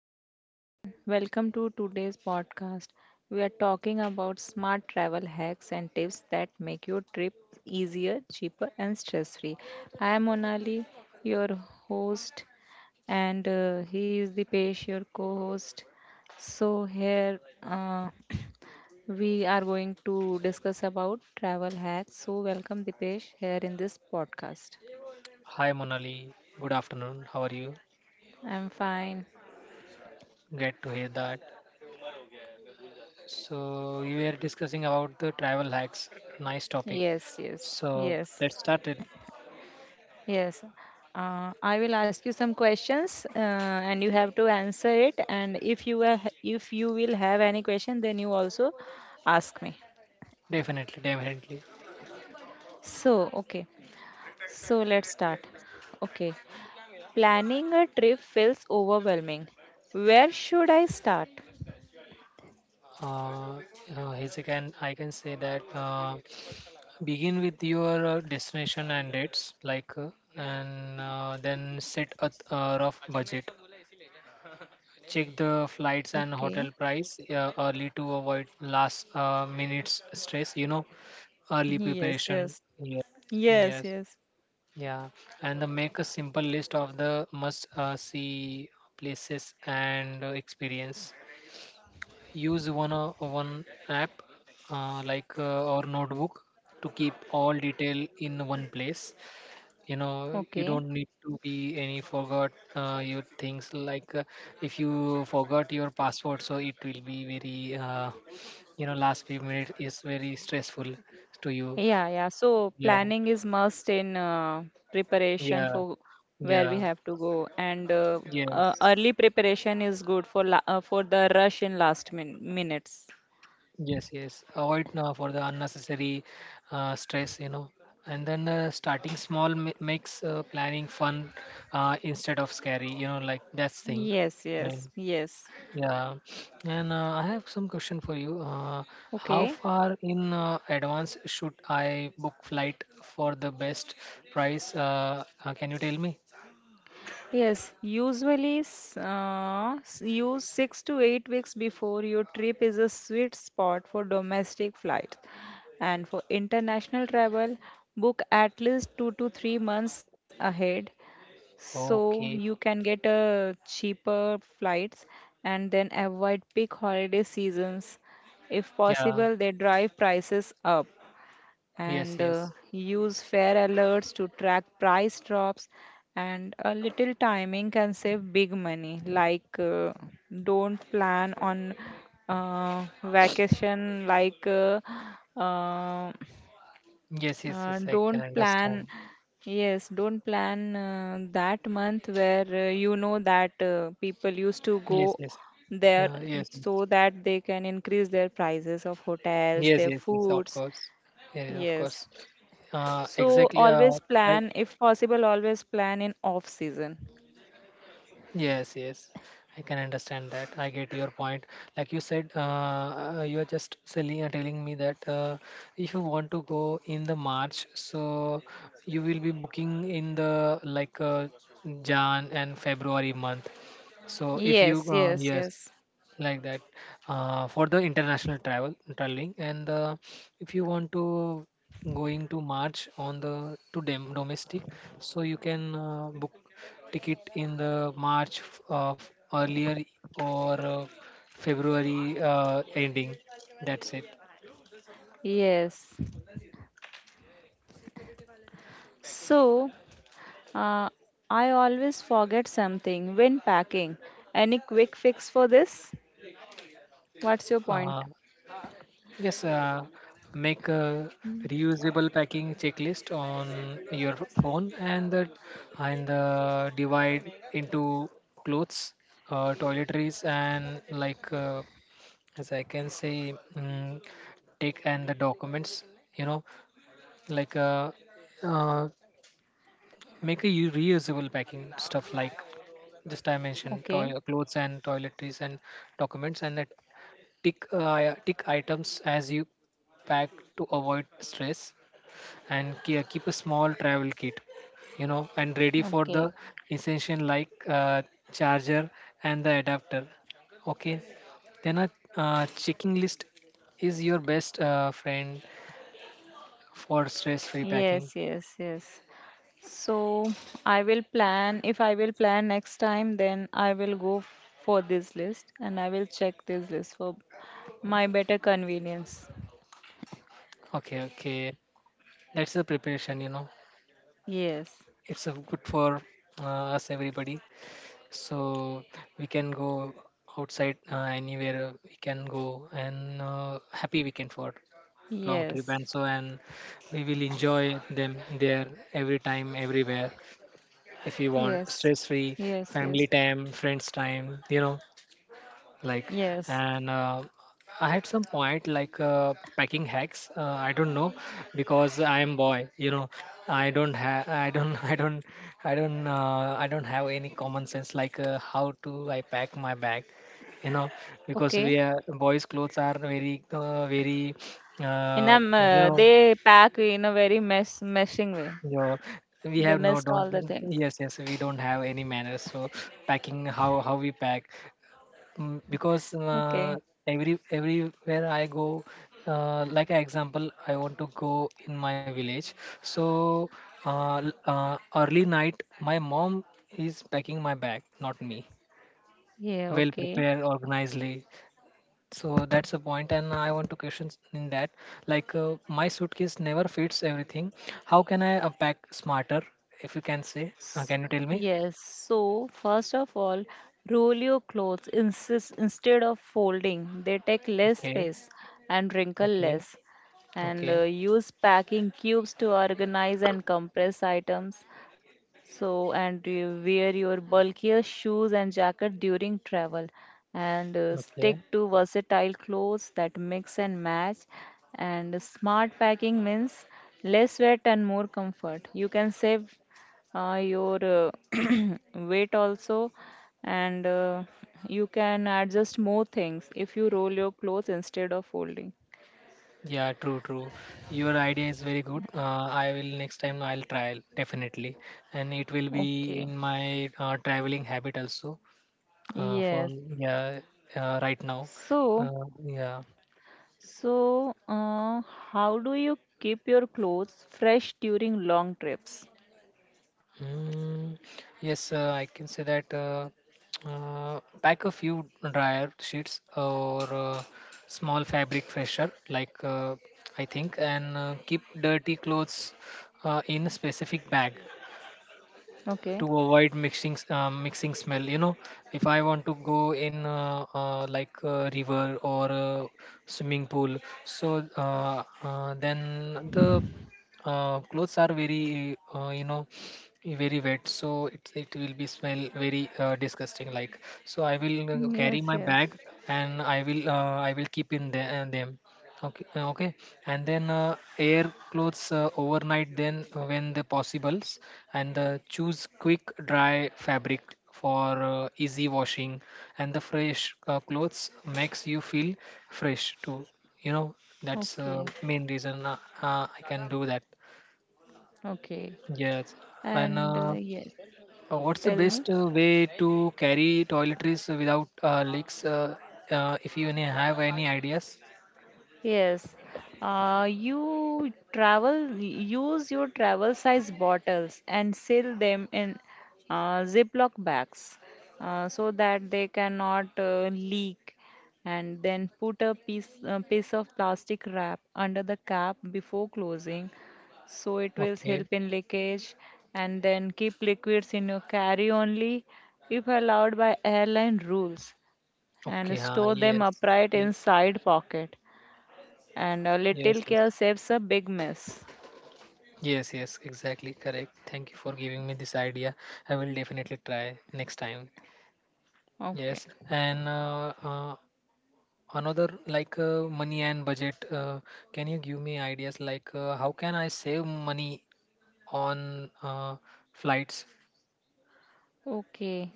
hey everyone, welcome to today's podcast. We are talking about smart travel hacks and tips that make your trip easier, cheaper, and stress free. I am Monali, your host, and he is the Dipesh, your co host. So, here we are going to discuss about travel hacks. So, welcome Dipesh here in this podcast. Hi Monali, good afternoon. How are you? I'm fine. Glad to hear that. So we were discussing about the travel hacks. Nice topic. Yes, yes, So yes. let's start it. Yes. I will ask you some questions, and you have to answer it. And if you are, if you will have any question, then you also ask me. Definitely, definitely. So, okay. So let's start. Okay. Planning a trip feels overwhelming. Where should I start? Uh, as I can say that begin with your destination and dates, like, and then set a rough budget. Check the flights and hotel Okay. price early to avoid last minutes stress, you know, early Yes, preparation. yes. Yes, Yes, yes, yes. yeah. And the make a simple list of the must see places and experience. Use one app, like, or notebook, to keep all detail in one place. You know, Okay. you don't need to be any forgot your things, like, if you forgot your passport, so it will be very, you know, last few minutes is very stressful to you. Yeah, yeah. So Yeah, planning is must in preparation yeah, for where we yeah, have to go, and yes, early preparation is good for la for the rush in last minutes. yes, yes. Avoid for the unnecessary stress, you know. And then starting small makes planning fun instead of scary, you know, like that's thing. Yes, I yes, mean, yes. yeah. And I have some question for you. How Okay. far in advance should I book flight for the best price? Can you tell me? Yes, usually use 6 to 8 weeks before your trip is a sweet spot for domestic flights. And for international travel, book at least 2 to 3 months ahead so you Okay. can get cheaper flights and then avoid peak holiday seasons. If Yeah. possible, they drive prices up and Yes, yes. use fare alerts to track price drops. And a little timing can save big money. Don't plan on vacation uh, Yes, yes, yes, I can don't understand. plan, yes, don't plan that month where you know that people used to Yes, go yes. there Yeah, yes, yes. so that they can increase their prices of hotels, Yes, their yes, yes, of foods. course. Yes, of Yes. course. So Exactly. Always Like, plan, if possible, always plan in off season. yes, yes. I can understand that. I get your point. Like you said, you are just selling and telling me that if you want to go in the March, so you will be booking in the like, Jan and February month. So if you Yes, yes, yes, yes. like that, for the international travel traveling and if you want to going to March on the to domestic, so you can book ticket in the March of earlier or February ending. That's it. Yes. So, uh, I always forget something when packing. Any quick fix for this? What's your uh, point? Yes, make a Mm. reusable packing checklist on your phone and the divide into clothes, toiletries, and like, as I can say, take and the documents. You know, like, uh, make a reusable packing stuff like just I mentioned, Okay, toy clothes and toiletries and documents, and that tick, yeah, tick items as you pack to avoid stress and keep a small travel kit, you know, and ready for okay. the essential like, charger and the adapter. Okay. Then a checking list is your best friend for stress free packing. Yes, yes, yes. So if I will plan next time, then I will go for this list and I will check this list for my better convenience. Okay, okay. That's the preparation, you know. Yes, It's a good for us everybody. So we can go outside, anywhere we can go, and happy weekend for long trip, yes, and so and we will enjoy them there every time, everywhere, if you want yes, stress free yes, family yes, time, friends time, you know, like. yes. And I had some point like, packing hacks, I don't know because I am boy, you know. I don't I don't have any common sense, like, how to I pack my bag, you know, because Okay. we are boys clothes are very, very, And uh, I'm, you know, they pack in a very meshing way. your we They have no messed don't, all the things. yes, yes, we don't have any manners, so packing how we pack. Because, Okay. everywhere I go, like an example, I want to go in my village. So early night, my mom is packing my bag, not me. Yeah, Well okay. prepared, organizedly. So that's the point, and I want to question in that. Like, my suitcase never fits everything. How can I pack smarter? If you can say, can you tell me? Yes, so first of all, roll your clothes instead of folding. They take less Okay, space and wrinkle okay, less. And okay, use packing cubes to organize and compress items. So, and you wear your bulkier shoes and jacket during travel. And okay. stick to versatile clothes that mix and match. And smart packing means less weight and more comfort. You can save your weight also and you can adjust more things if you roll your clothes instead of folding. Yeah, true, true. Your idea is very good. I will next time I'll try definitely, and it will be Okay. in my traveling habit also. For, Yes. yeah, right now, so uh, yeah. so uh, how do you keep your clothes fresh during long trips? Mm, yes, I can say that. Pack a few dryer sheets or small fabric freshener, like, I think, and keep dirty clothes in a specific bag Okay. to avoid mixing smell, you know. If I want to go in, like a river or a swimming pool, so then the clothes are very, you know, very wet, so it will be smell very, disgusting, like. So I will, carry Yes, my yes. bag, and I will keep in the, them. Okay, okay, and then air clothes overnight, then when the possibles, and choose quick dry fabric for easy washing, and the fresh clothes makes you feel fresh too. You know, that's Okay, main reason, I can do that. okay, Yes, and and yes, what's the tell me. best way to carry toiletries without leaks? If you any have any ideas? Yes, use your travel size bottles and seal them in Ziploc bags so that they cannot leak. And then put a piece of plastic wrap under the cap before closing so it will help Okay. in leakage. And then keep liquids in your carry only if allowed by airline rules and Okay, huh, store them yes, upright yes, inside pocket, and a yes, little yes, care saves a big mess. yes, yes, exactly correct. Thank you for giving me this idea. I will definitely try next time. Yes, Okay. and another like, money and budget. Can you give me ideas like, how can I save money on, flights? Okay.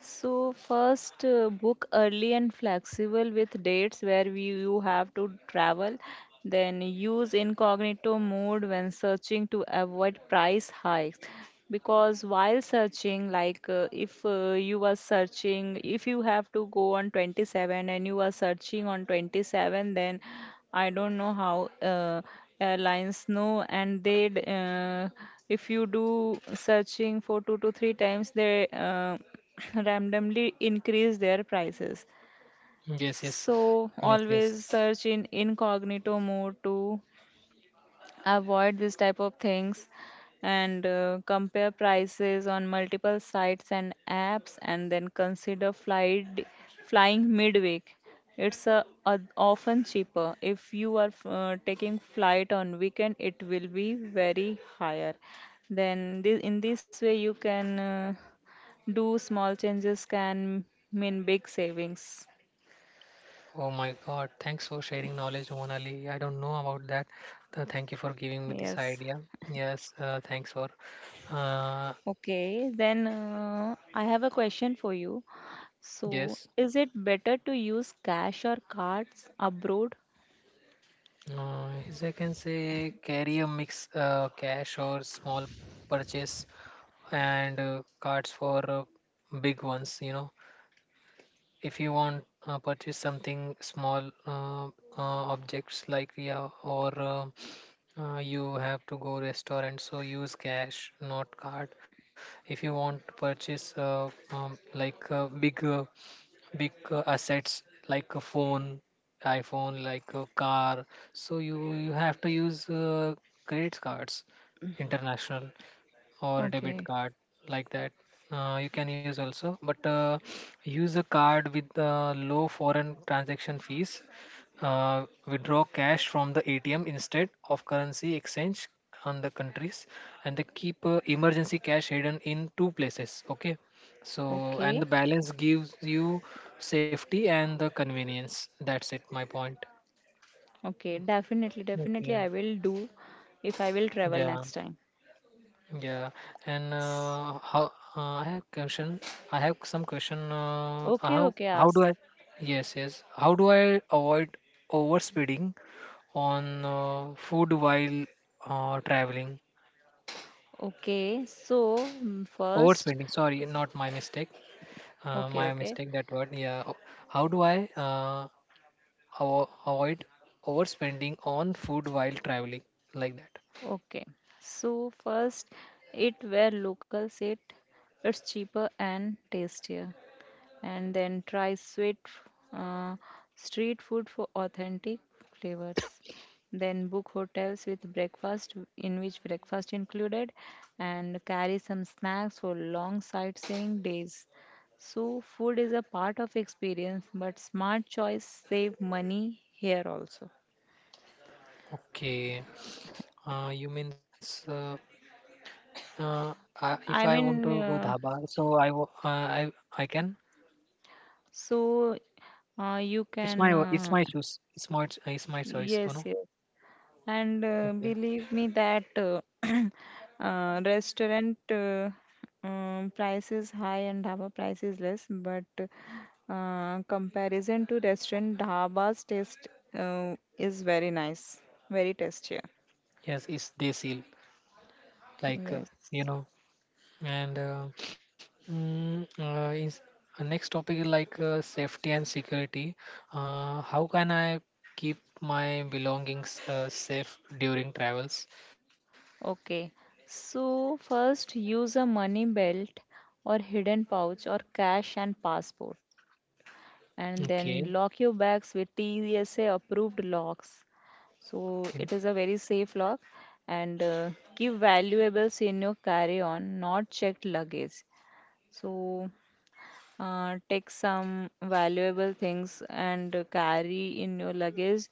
So first, book early and flexible with dates where you have to travel. Then use incognito mode when searching to avoid price hikes. Because while searching, if you are searching, if you have to go on 27 and you are searching on 27, then I don't know how airlines know, and if you do searching for two to three times, they randomly increase their prices. Yes, yes, So yes, yes. always search in incognito mode to avoid this type of things, and compare prices on multiple sites and apps, and then consider flight flying midweek. It's often cheaper. If you are taking flight on weekend, it will be very higher. Then in this way you can do small changes can mean big savings. Oh my God! Thanks for sharing knowledge, Monali. I don't know about that. Thank you for giving me this Yes. idea. Yes, thanks for. Uh, Okay, then I have a question for you. Yes, So, is it better to use cash or cards abroad? As I can say carry a mix, cash or small purchase, and cards for, big ones. You know, if you want, purchase something small, objects like, yeah, or, you have to go restaurant, so use cash, not card. If you want to purchase, like, big, big, assets like a phone, iPhone, like a car, so you have to use, credit cards international or debit Okay. card, like that. You can use also, but, use a card with, low foreign transaction fees. Withdraw cash from the ATM instead of currency exchange on the countries, and they keep, emergency cash hidden in two places. Okay, so and the Okay, balance gives you safety and the convenience. That's it. My point. okay, definitely, Okay. definitely, I will do if I will travel Yeah. next time. Yeah, and S- how I have question. I have some question. Okay, okay, How do ask. I? Yes, yes. How do I avoid overspeeding on, food while, traveling? Okay, so first, Overspending. Sorry, not my mistake. Okay, My okay, mistake. That word. Yeah. How do I, avoid overspending on food while traveling, like that? okay. So, first, eat where locals eat, it's cheaper and tastier. And then try sweet uh, street food for authentic flavors, then book hotels with breakfast in which breakfast included, and carry some snacks for long sightseeing days. So food is a part of experience but smart choice save money here also. Okay. You means, Uh, if I I want mean, to go dhaba, so I I can. so you It's can, my it's my choice. It's my it's my choice. yes, You know. yes. And Okay. believe me that restaurant price is high and dhaba price is less, but comparison to restaurant, dhaba's taste is very nice, very tastier. Yes, it's desil. Like, Yes. you know, and, is, next topic is like, safety and security. How can I keep my belongings, safe during travels? Okay. So first, use a money belt or hidden pouch or cash and passport, and then lock your Okay. bags with TSA approved locks. So it is Okay. a very safe lock, and keep valuables in your carry on, not checked luggage. So take some valuable things and carry in your luggage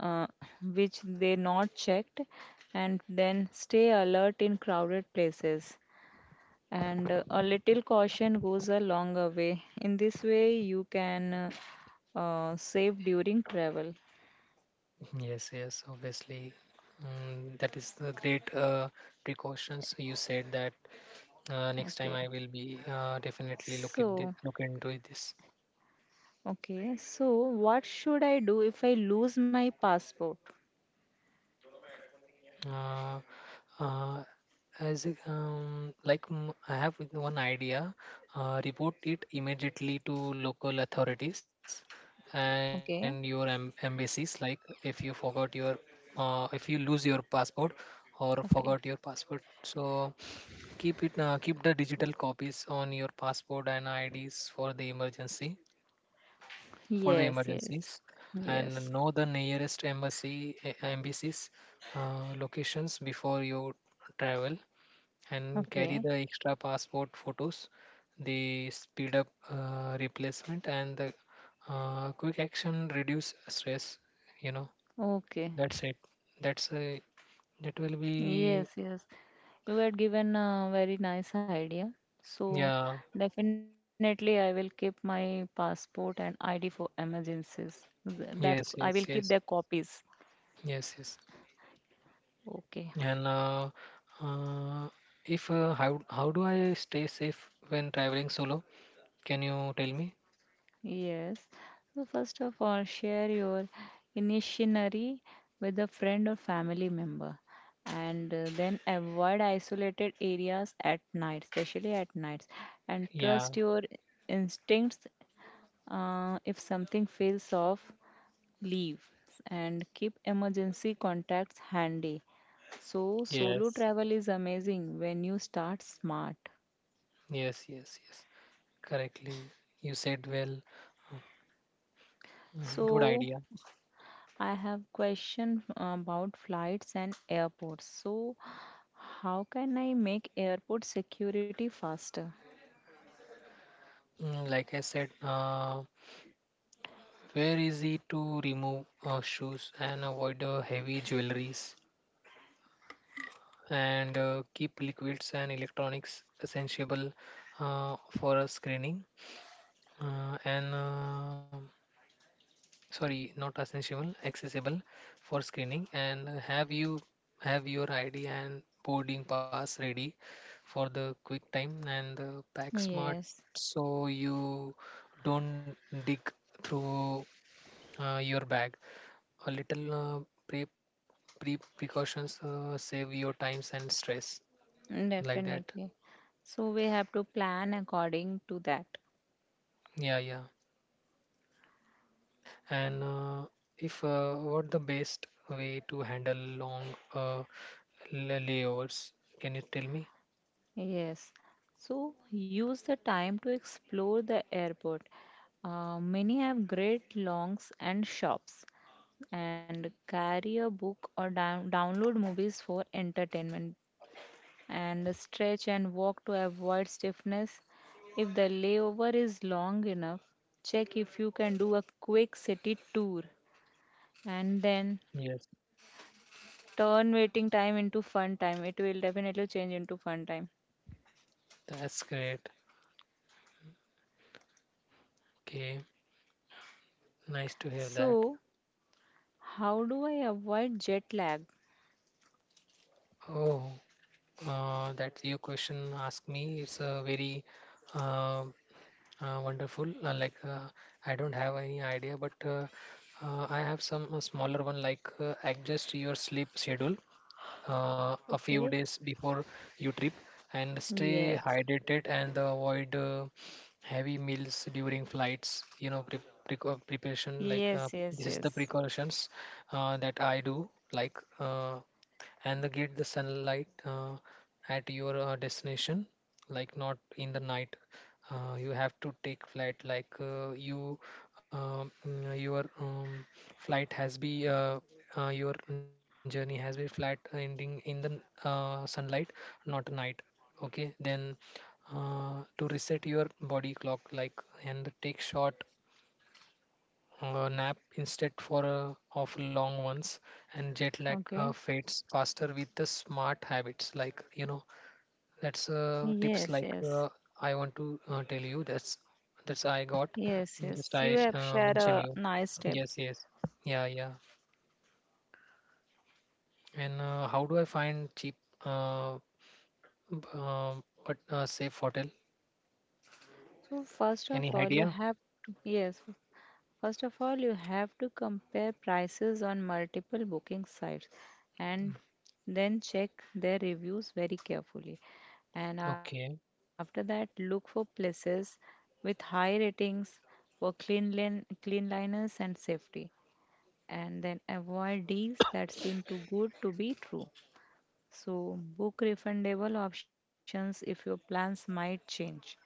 uh, which they not checked, and then stay alert in crowded places, and a little caution goes a longer way. In this way you can save during travel. Yes, yes, obviously. That is the great, precautions. So you said that, next time Okay, I will be, definitely look at so look into it this. okay, so what should I do if I lose my passport? Uh, uh, as like, I have one idea, report it immediately to local authorities and your Okay. embassies. Like if you forgot your, if you lose your passport or forgot your Okay. passport, so. Keep the digital copies on your passport and IDs for the emergency for the Yes, yes, emergencies, and yes. know the nearest embassies, locations before you travel, and carry Okay, the extra passport photos the speed up, replacement and the, quick action reduce stress, you know. okay. That's it. that's a that will be. Yes, yes. You had given a very nice idea. So Yeah, definitely I will keep my passport and ID for emergencies. That's, I yes, will keep yes, their yes, copies. yes, yes. Okay. And, uh, if, how how do I stay safe when traveling solo? Can you tell me? Yes. So first of all, share your initiatory with a friend or family member, and then avoid isolated areas at night, especially at nights, and Yeah. trust your instincts. If something feels off, leave, and keep emergency contacts handy. So solo Yes. travel is amazing when you start smart. Yes. Yes. Yes. Correctly. You said well. Good So idea. I have question about flights and airports. So, how can I make airport security faster? Like I said, very easy to remove, shoes and avoid, heavy jewelries, and keep liquids and electronics essential, for a screening. And sorry, not essential, accessible for screening, and have your ID and boarding pass ready for the quick time, and the pack smart Yes, so you don't dig through, your bag. A little, pre precautions, save your times and stress, like that. definitely. So we have to plan according to that. Yeah, yeah. And, if, what the best way to handle long, uh, layovers? Can you tell me? Yes. So use the time to explore the airport. Many have great longs and shops. And carry a book or download movies for entertainment, and stretch and walk to avoid stiffness. If the layover is long enough, check if you can do a quick city tour, and Yes, then turn waiting time into fun time. It will definitely change into fun time. that's great. Okay, nice to hear that. So, how do I avoid jet lag? Oh, that your question asked me is, very, uh, wonderful. I don't have any idea, but I have some smaller one like adjust your sleep schedule a few days Okay. before you trip, and stay Yes. hydrated, and avoid heavy meals during flights. Preparation like Yes, this is yes, the yes. precautions that I do like and the get the sunlight at your destination, like not in the night. You have to take flight like you mm, your flight has be your journey has been flat ending in the sunlight, not night, okay, then to reset your body clock, like, and take short nap instead for of long ones, and jet lag Okay. fades faster with the smart habits, like, that's tips Yes, like yes. I want to tell you that's I got. Yes, Just yes. I You have shared mention a you. nice Yes, tips. yes. Yeah, yeah. And how do I find cheap uh, b- uh, but safe hotel, So first of any all, idea? Yes. First of all, you have to compare prices on multiple booking sites, and then check their reviews very carefully. And after Okay. that, look for places with high ratings for cleanliness and safety. And then avoid deals that seem too good to be true. So, book refundable options if your plans might change.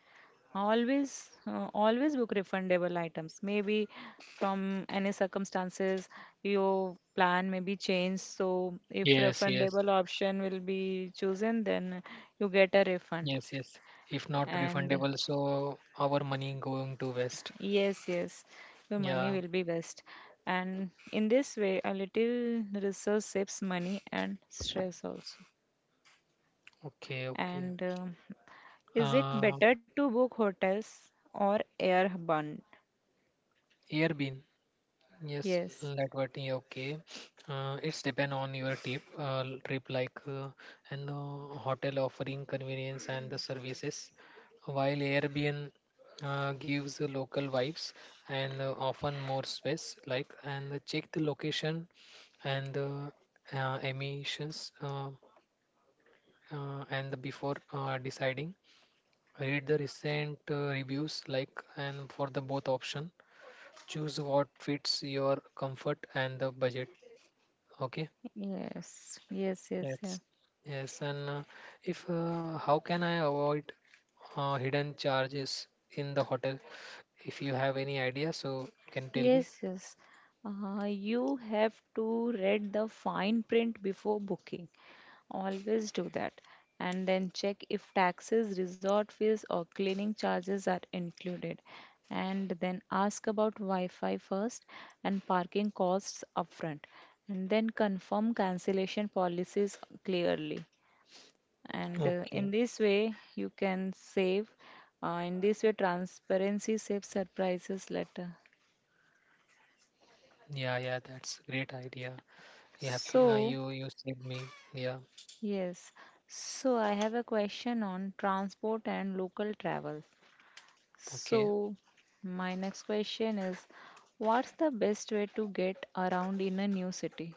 Always, always book refundable items. Maybe from any circumstances your plan may be changed. So if Yes, yes, refundable option will be chosen, then you get a refund. yes, yes. If not And refundable, so our money going to waste. yes, yes, your money Yeah. will be best. And in this way, a little research saves money and stress also. Okay, okay. And is it Uh, better to book hotels or airborne? Airbnb. Yes, Yes. Latvian, okay. It's depend on your trip like and the hotel offering convenience and the services, while Airbnb gives the local vibes and often more space. Like and check the location and the emissions and the before deciding. Read the recent reviews like and for the both option. Choose what fits your comfort and the budget. Okay, Yes, yes, yes, yes, that's, yes. And if how can I avoid hidden charges in the hotel? If you have any idea, so can tell yes, me. yes. You have to read the fine print before booking. Always do that. And then check if taxes, resort fees, or cleaning charges are included. And then ask about Wi-Fi first and parking costs upfront. And then confirm cancellation policies clearly. And in Okay. this way you can save, in this way transparency saves surprises later. Yeah, yeah, that's great idea. You have to you So you saved me. Yeah. yes, so I have a question on transport and local travel. Okay. So my next question is, what's the best way to get around in a new city?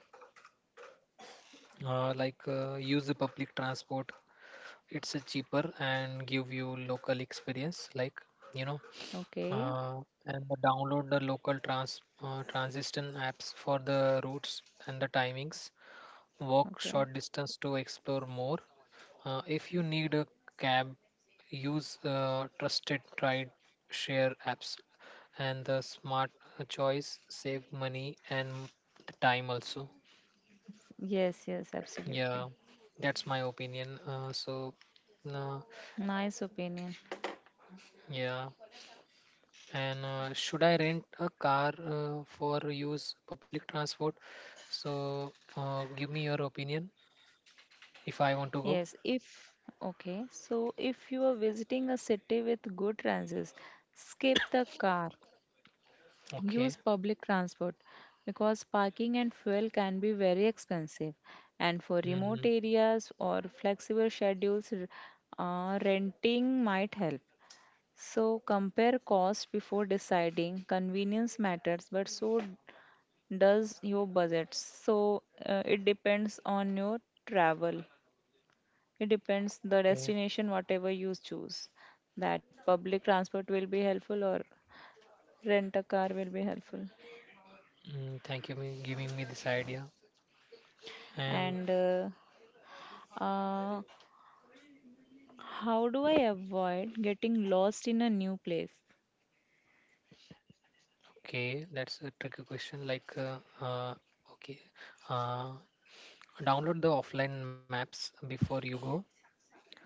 Like use the public transport. It's cheaper and give you local experience, like, you know. Okay, uh, and the download the local transition apps for the routes and the timings. Walk okay, short distance to explore more. If you need a cab, use trusted ride share apps, and the smart choice save money and the time also. yes, yes, absolutely. Yeah, that's my opinion. Uh, Nice opinion. yeah. And should I rent a car for use public transport? So give me your opinion if I want to go. Yes, if Okay, so if you are visiting a city with good transit, skip the car, Okay. use public transport because parking and fuel can be very expensive. And for remote Mm, areas or flexible schedules, renting might help. So compare cost before deciding. Convenience matters, but so does your budget. So it depends on your travel. It depends the okay. destination, whatever you choose. That public transport will be helpful or rent a car will be helpful. Mm, thank you for giving me this idea. And And uh, how do I avoid getting lost in a new place? okay, that's a tricky question. Like, uh, okay, uh, download the offline maps before you go.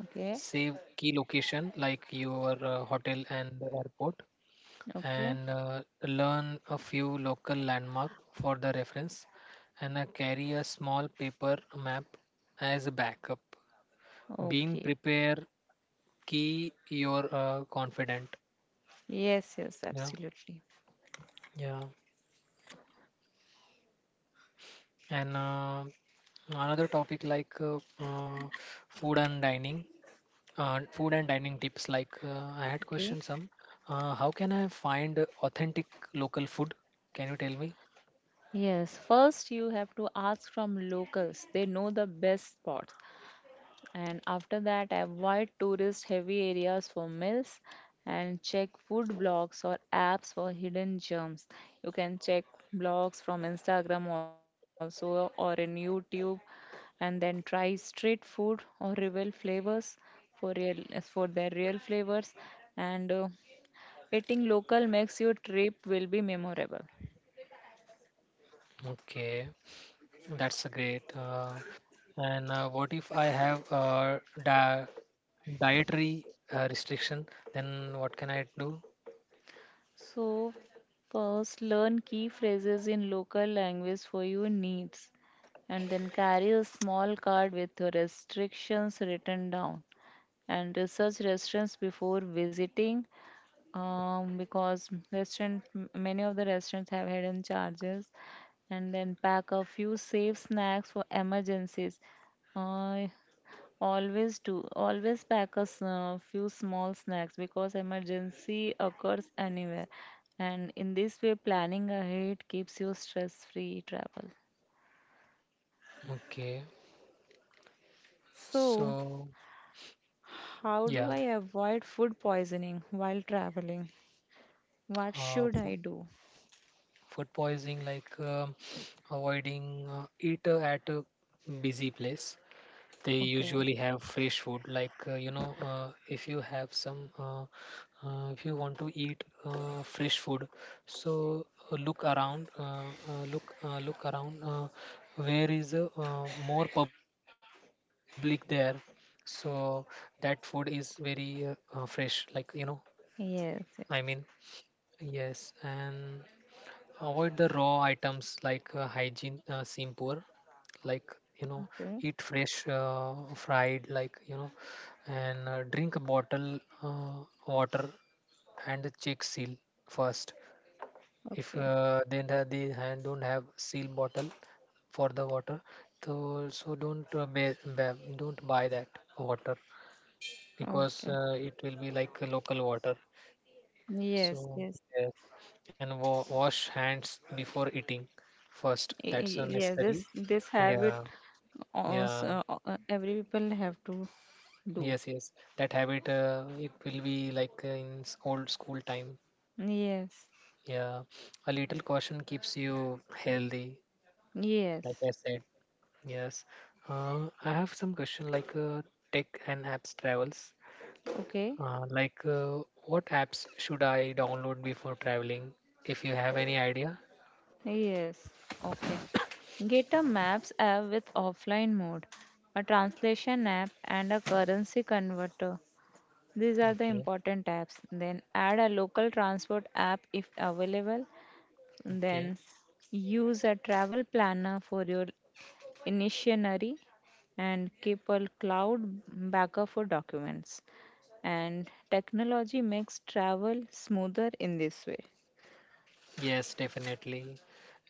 Okay, Save key location like your hotel and the airport. okay, And learn a few local landmark for the reference, and carry a small paper map as a backup. Being okay. prepared key your confident. Yes, yes, Yeah, absolutely. yeah. And another topic like food and dining. Food and dining tips like I had Okay. question some. How can I find authentic local food, can you tell me? Yes, first you have to ask from locals. They know the best spots. And after that avoid tourist heavy areas for meals, and check food blogs or apps for hidden germs. You can check blogs from Instagram also or in YouTube. And then try street food or real flavors, for their real flavors. And eating local makes your trip will be memorable. Okay. That's a great. And what if I have a dietary restriction? Then what can I do? So, first learn key phrases in local language for your needs, and then carry a small card with your restrictions written down, and research restaurants before visiting, because many of the restaurants have hidden charges. And then pack a few safe snacks for emergencies. Uh, Always do. Always pack few small snacks because emergency occurs anywhere. And in this way, planning ahead keeps you stress-free travel. Okay, So, so how do I yeah, avoid food poisoning while traveling? What should food, I do? food poisoning like avoiding eat at a busy place, they Okay. usually have fresh food like if you have some if you want to eat fresh food, so look around where is more public there, so that food is very fresh, like, i Yes. mean Yes. yes. And avoid the raw items, like hygiene seem poor, like, you know. Okay. Eat fresh fried, like, you know. And drink a bottle water and check seal first. If Okay. they hand don't have seal bottle for the water, so so don't don't buy that water, because Okay. It will be like a local water. So Yes. Yes. yes. And wash hands before eating first, that's Yes. Unnecessary. This habit Yeah, yeah. also every people have to do. Yes, yes, that habit it will be like in old school time. Yes. Yeah, a little caution keeps you healthy, like Yes. I said. Yes, I have some question like tech and apps travels. Okay. Like, what apps should I download before traveling? If you have any idea. Yes. Okay. Get a Maps app with offline mode, a translation app, and a currency converter. These are the Okay, important apps. Then add a local transport app if available. okay. Then use a travel planner for your itinerary and keep a cloud backup for documents. And technology makes travel smoother in this way. Yes, definitely.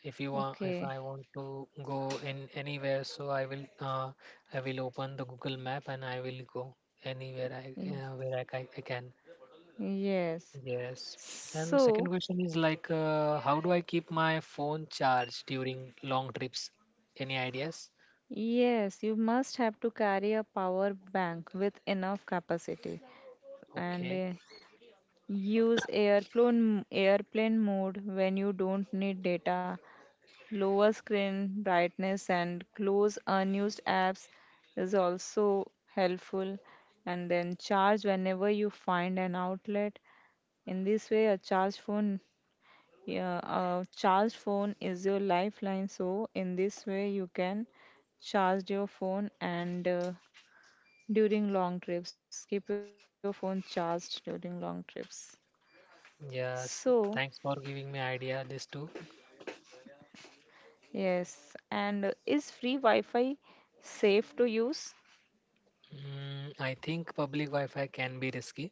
If you want, if Okay. I want to go in anywhere, so I will open the Google Map and I will go anywhere I I can. Yes. Yes. And second So, question is like, how do I keep my phone charged during long trips? Any ideas? yes, you must have to carry a power bank with enough capacity, and Okay. Use airplane mode when you don't need data. Lower screen brightness and close unused apps is also helpful, and then charge whenever you find an outlet. In this way, a charged phone, yeah, charged phone is your lifeline. So in this way, you can charge your phone, and during long trips, keep your phone charged during long trips. So Yes. Thanks for giving me idea this too. yes, and is free Wi-Fi safe to use? Mm, I think public Wi-Fi can be risky.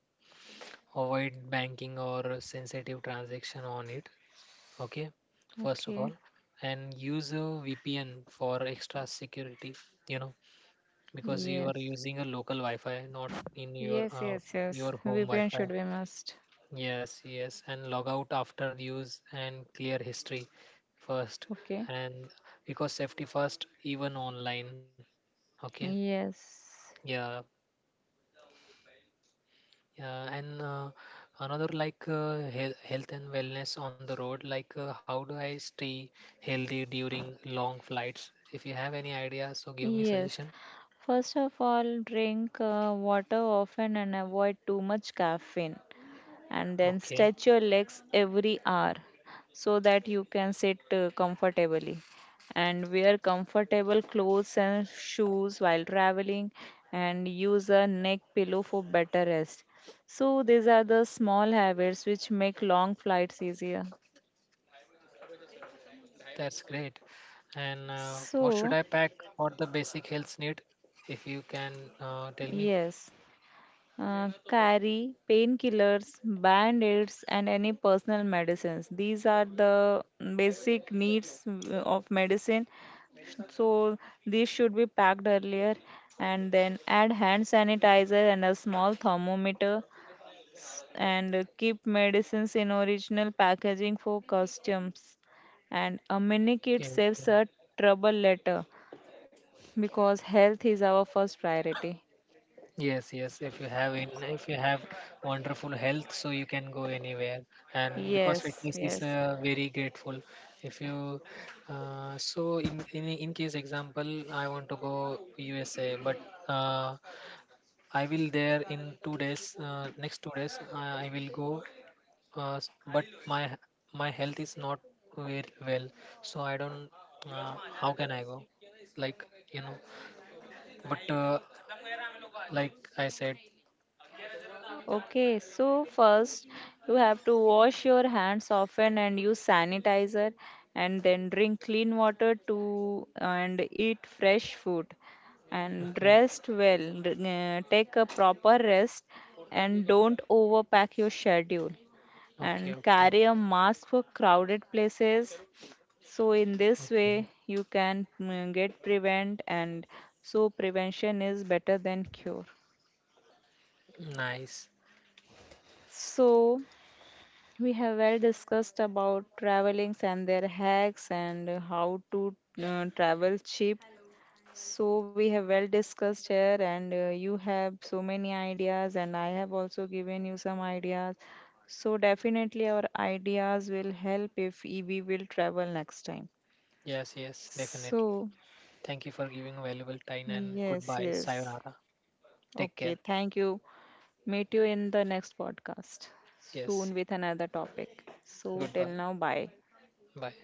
Avoid banking or sensitive transaction on it. Okay, first of Okay. all. And use a VPN for extra security, you know because you are Yes. using a local Wi-Fi, not in Yes. Yes. Yes. your home VPN Wi-Fi. should be must. Yes, yes. And log out after use and clear history first. Okay. And because safety first, even online. Okay. Yes. Yeah. Yeah, and another like health and wellness on the road. Like, how do I stay healthy during long flights? If you have any idea, so give me suggestion. Yes. First of all, drink water often and avoid too much caffeine. And then Okay, stretch your legs every hour so that you can sit comfortably. And wear comfortable clothes and shoes while traveling, and use a neck pillow for better rest. So, these are the small habits which make long flights easier. that's great. And what should I So, pack for the basic health need? If you can tell me. yes. Carry painkillers, band aids, and any personal medicines. These are the basic needs of medicine. So, these should be packed earlier. And then add hand sanitizer and a small thermometer. And keep medicines in original packaging for customs. And a mini Okay, kit okay. saves a trouble later because health is our first priority. Yes, yes. If you have wonderful health, so you can go anywhere. And because Yes, fitness is yes. Very grateful, if you, in case example, I want to go USA, but uh, I will there in 2 days. Next 2 days, I will go. But my health is not very well, so I don't. How can I go? Like, you know, but like I said, Okay, so first you have to wash your hands often and use sanitizer, and then drink clean water to and eat fresh food and okay. rest well. Take a proper rest and don't overpack your schedule Okay, and okay, carry okay. a mask for crowded places. So in this way you can get prevent, and so prevention is better than cure. Nice. So we have well discussed about travelings and their hacks and how to travel cheap. So we have well discussed here, and you have so many ideas, and I have also given you some ideas. So definitely our ideas will help if we will travel next time. Yes, yes, definitely. So Thank you for giving valuable time, and yes, goodbye. yes. Sayonara. Take Okay, care. thank you. Meet you in the next podcast Yes. soon with another topic. So till Goodbye. now, bye. Bye.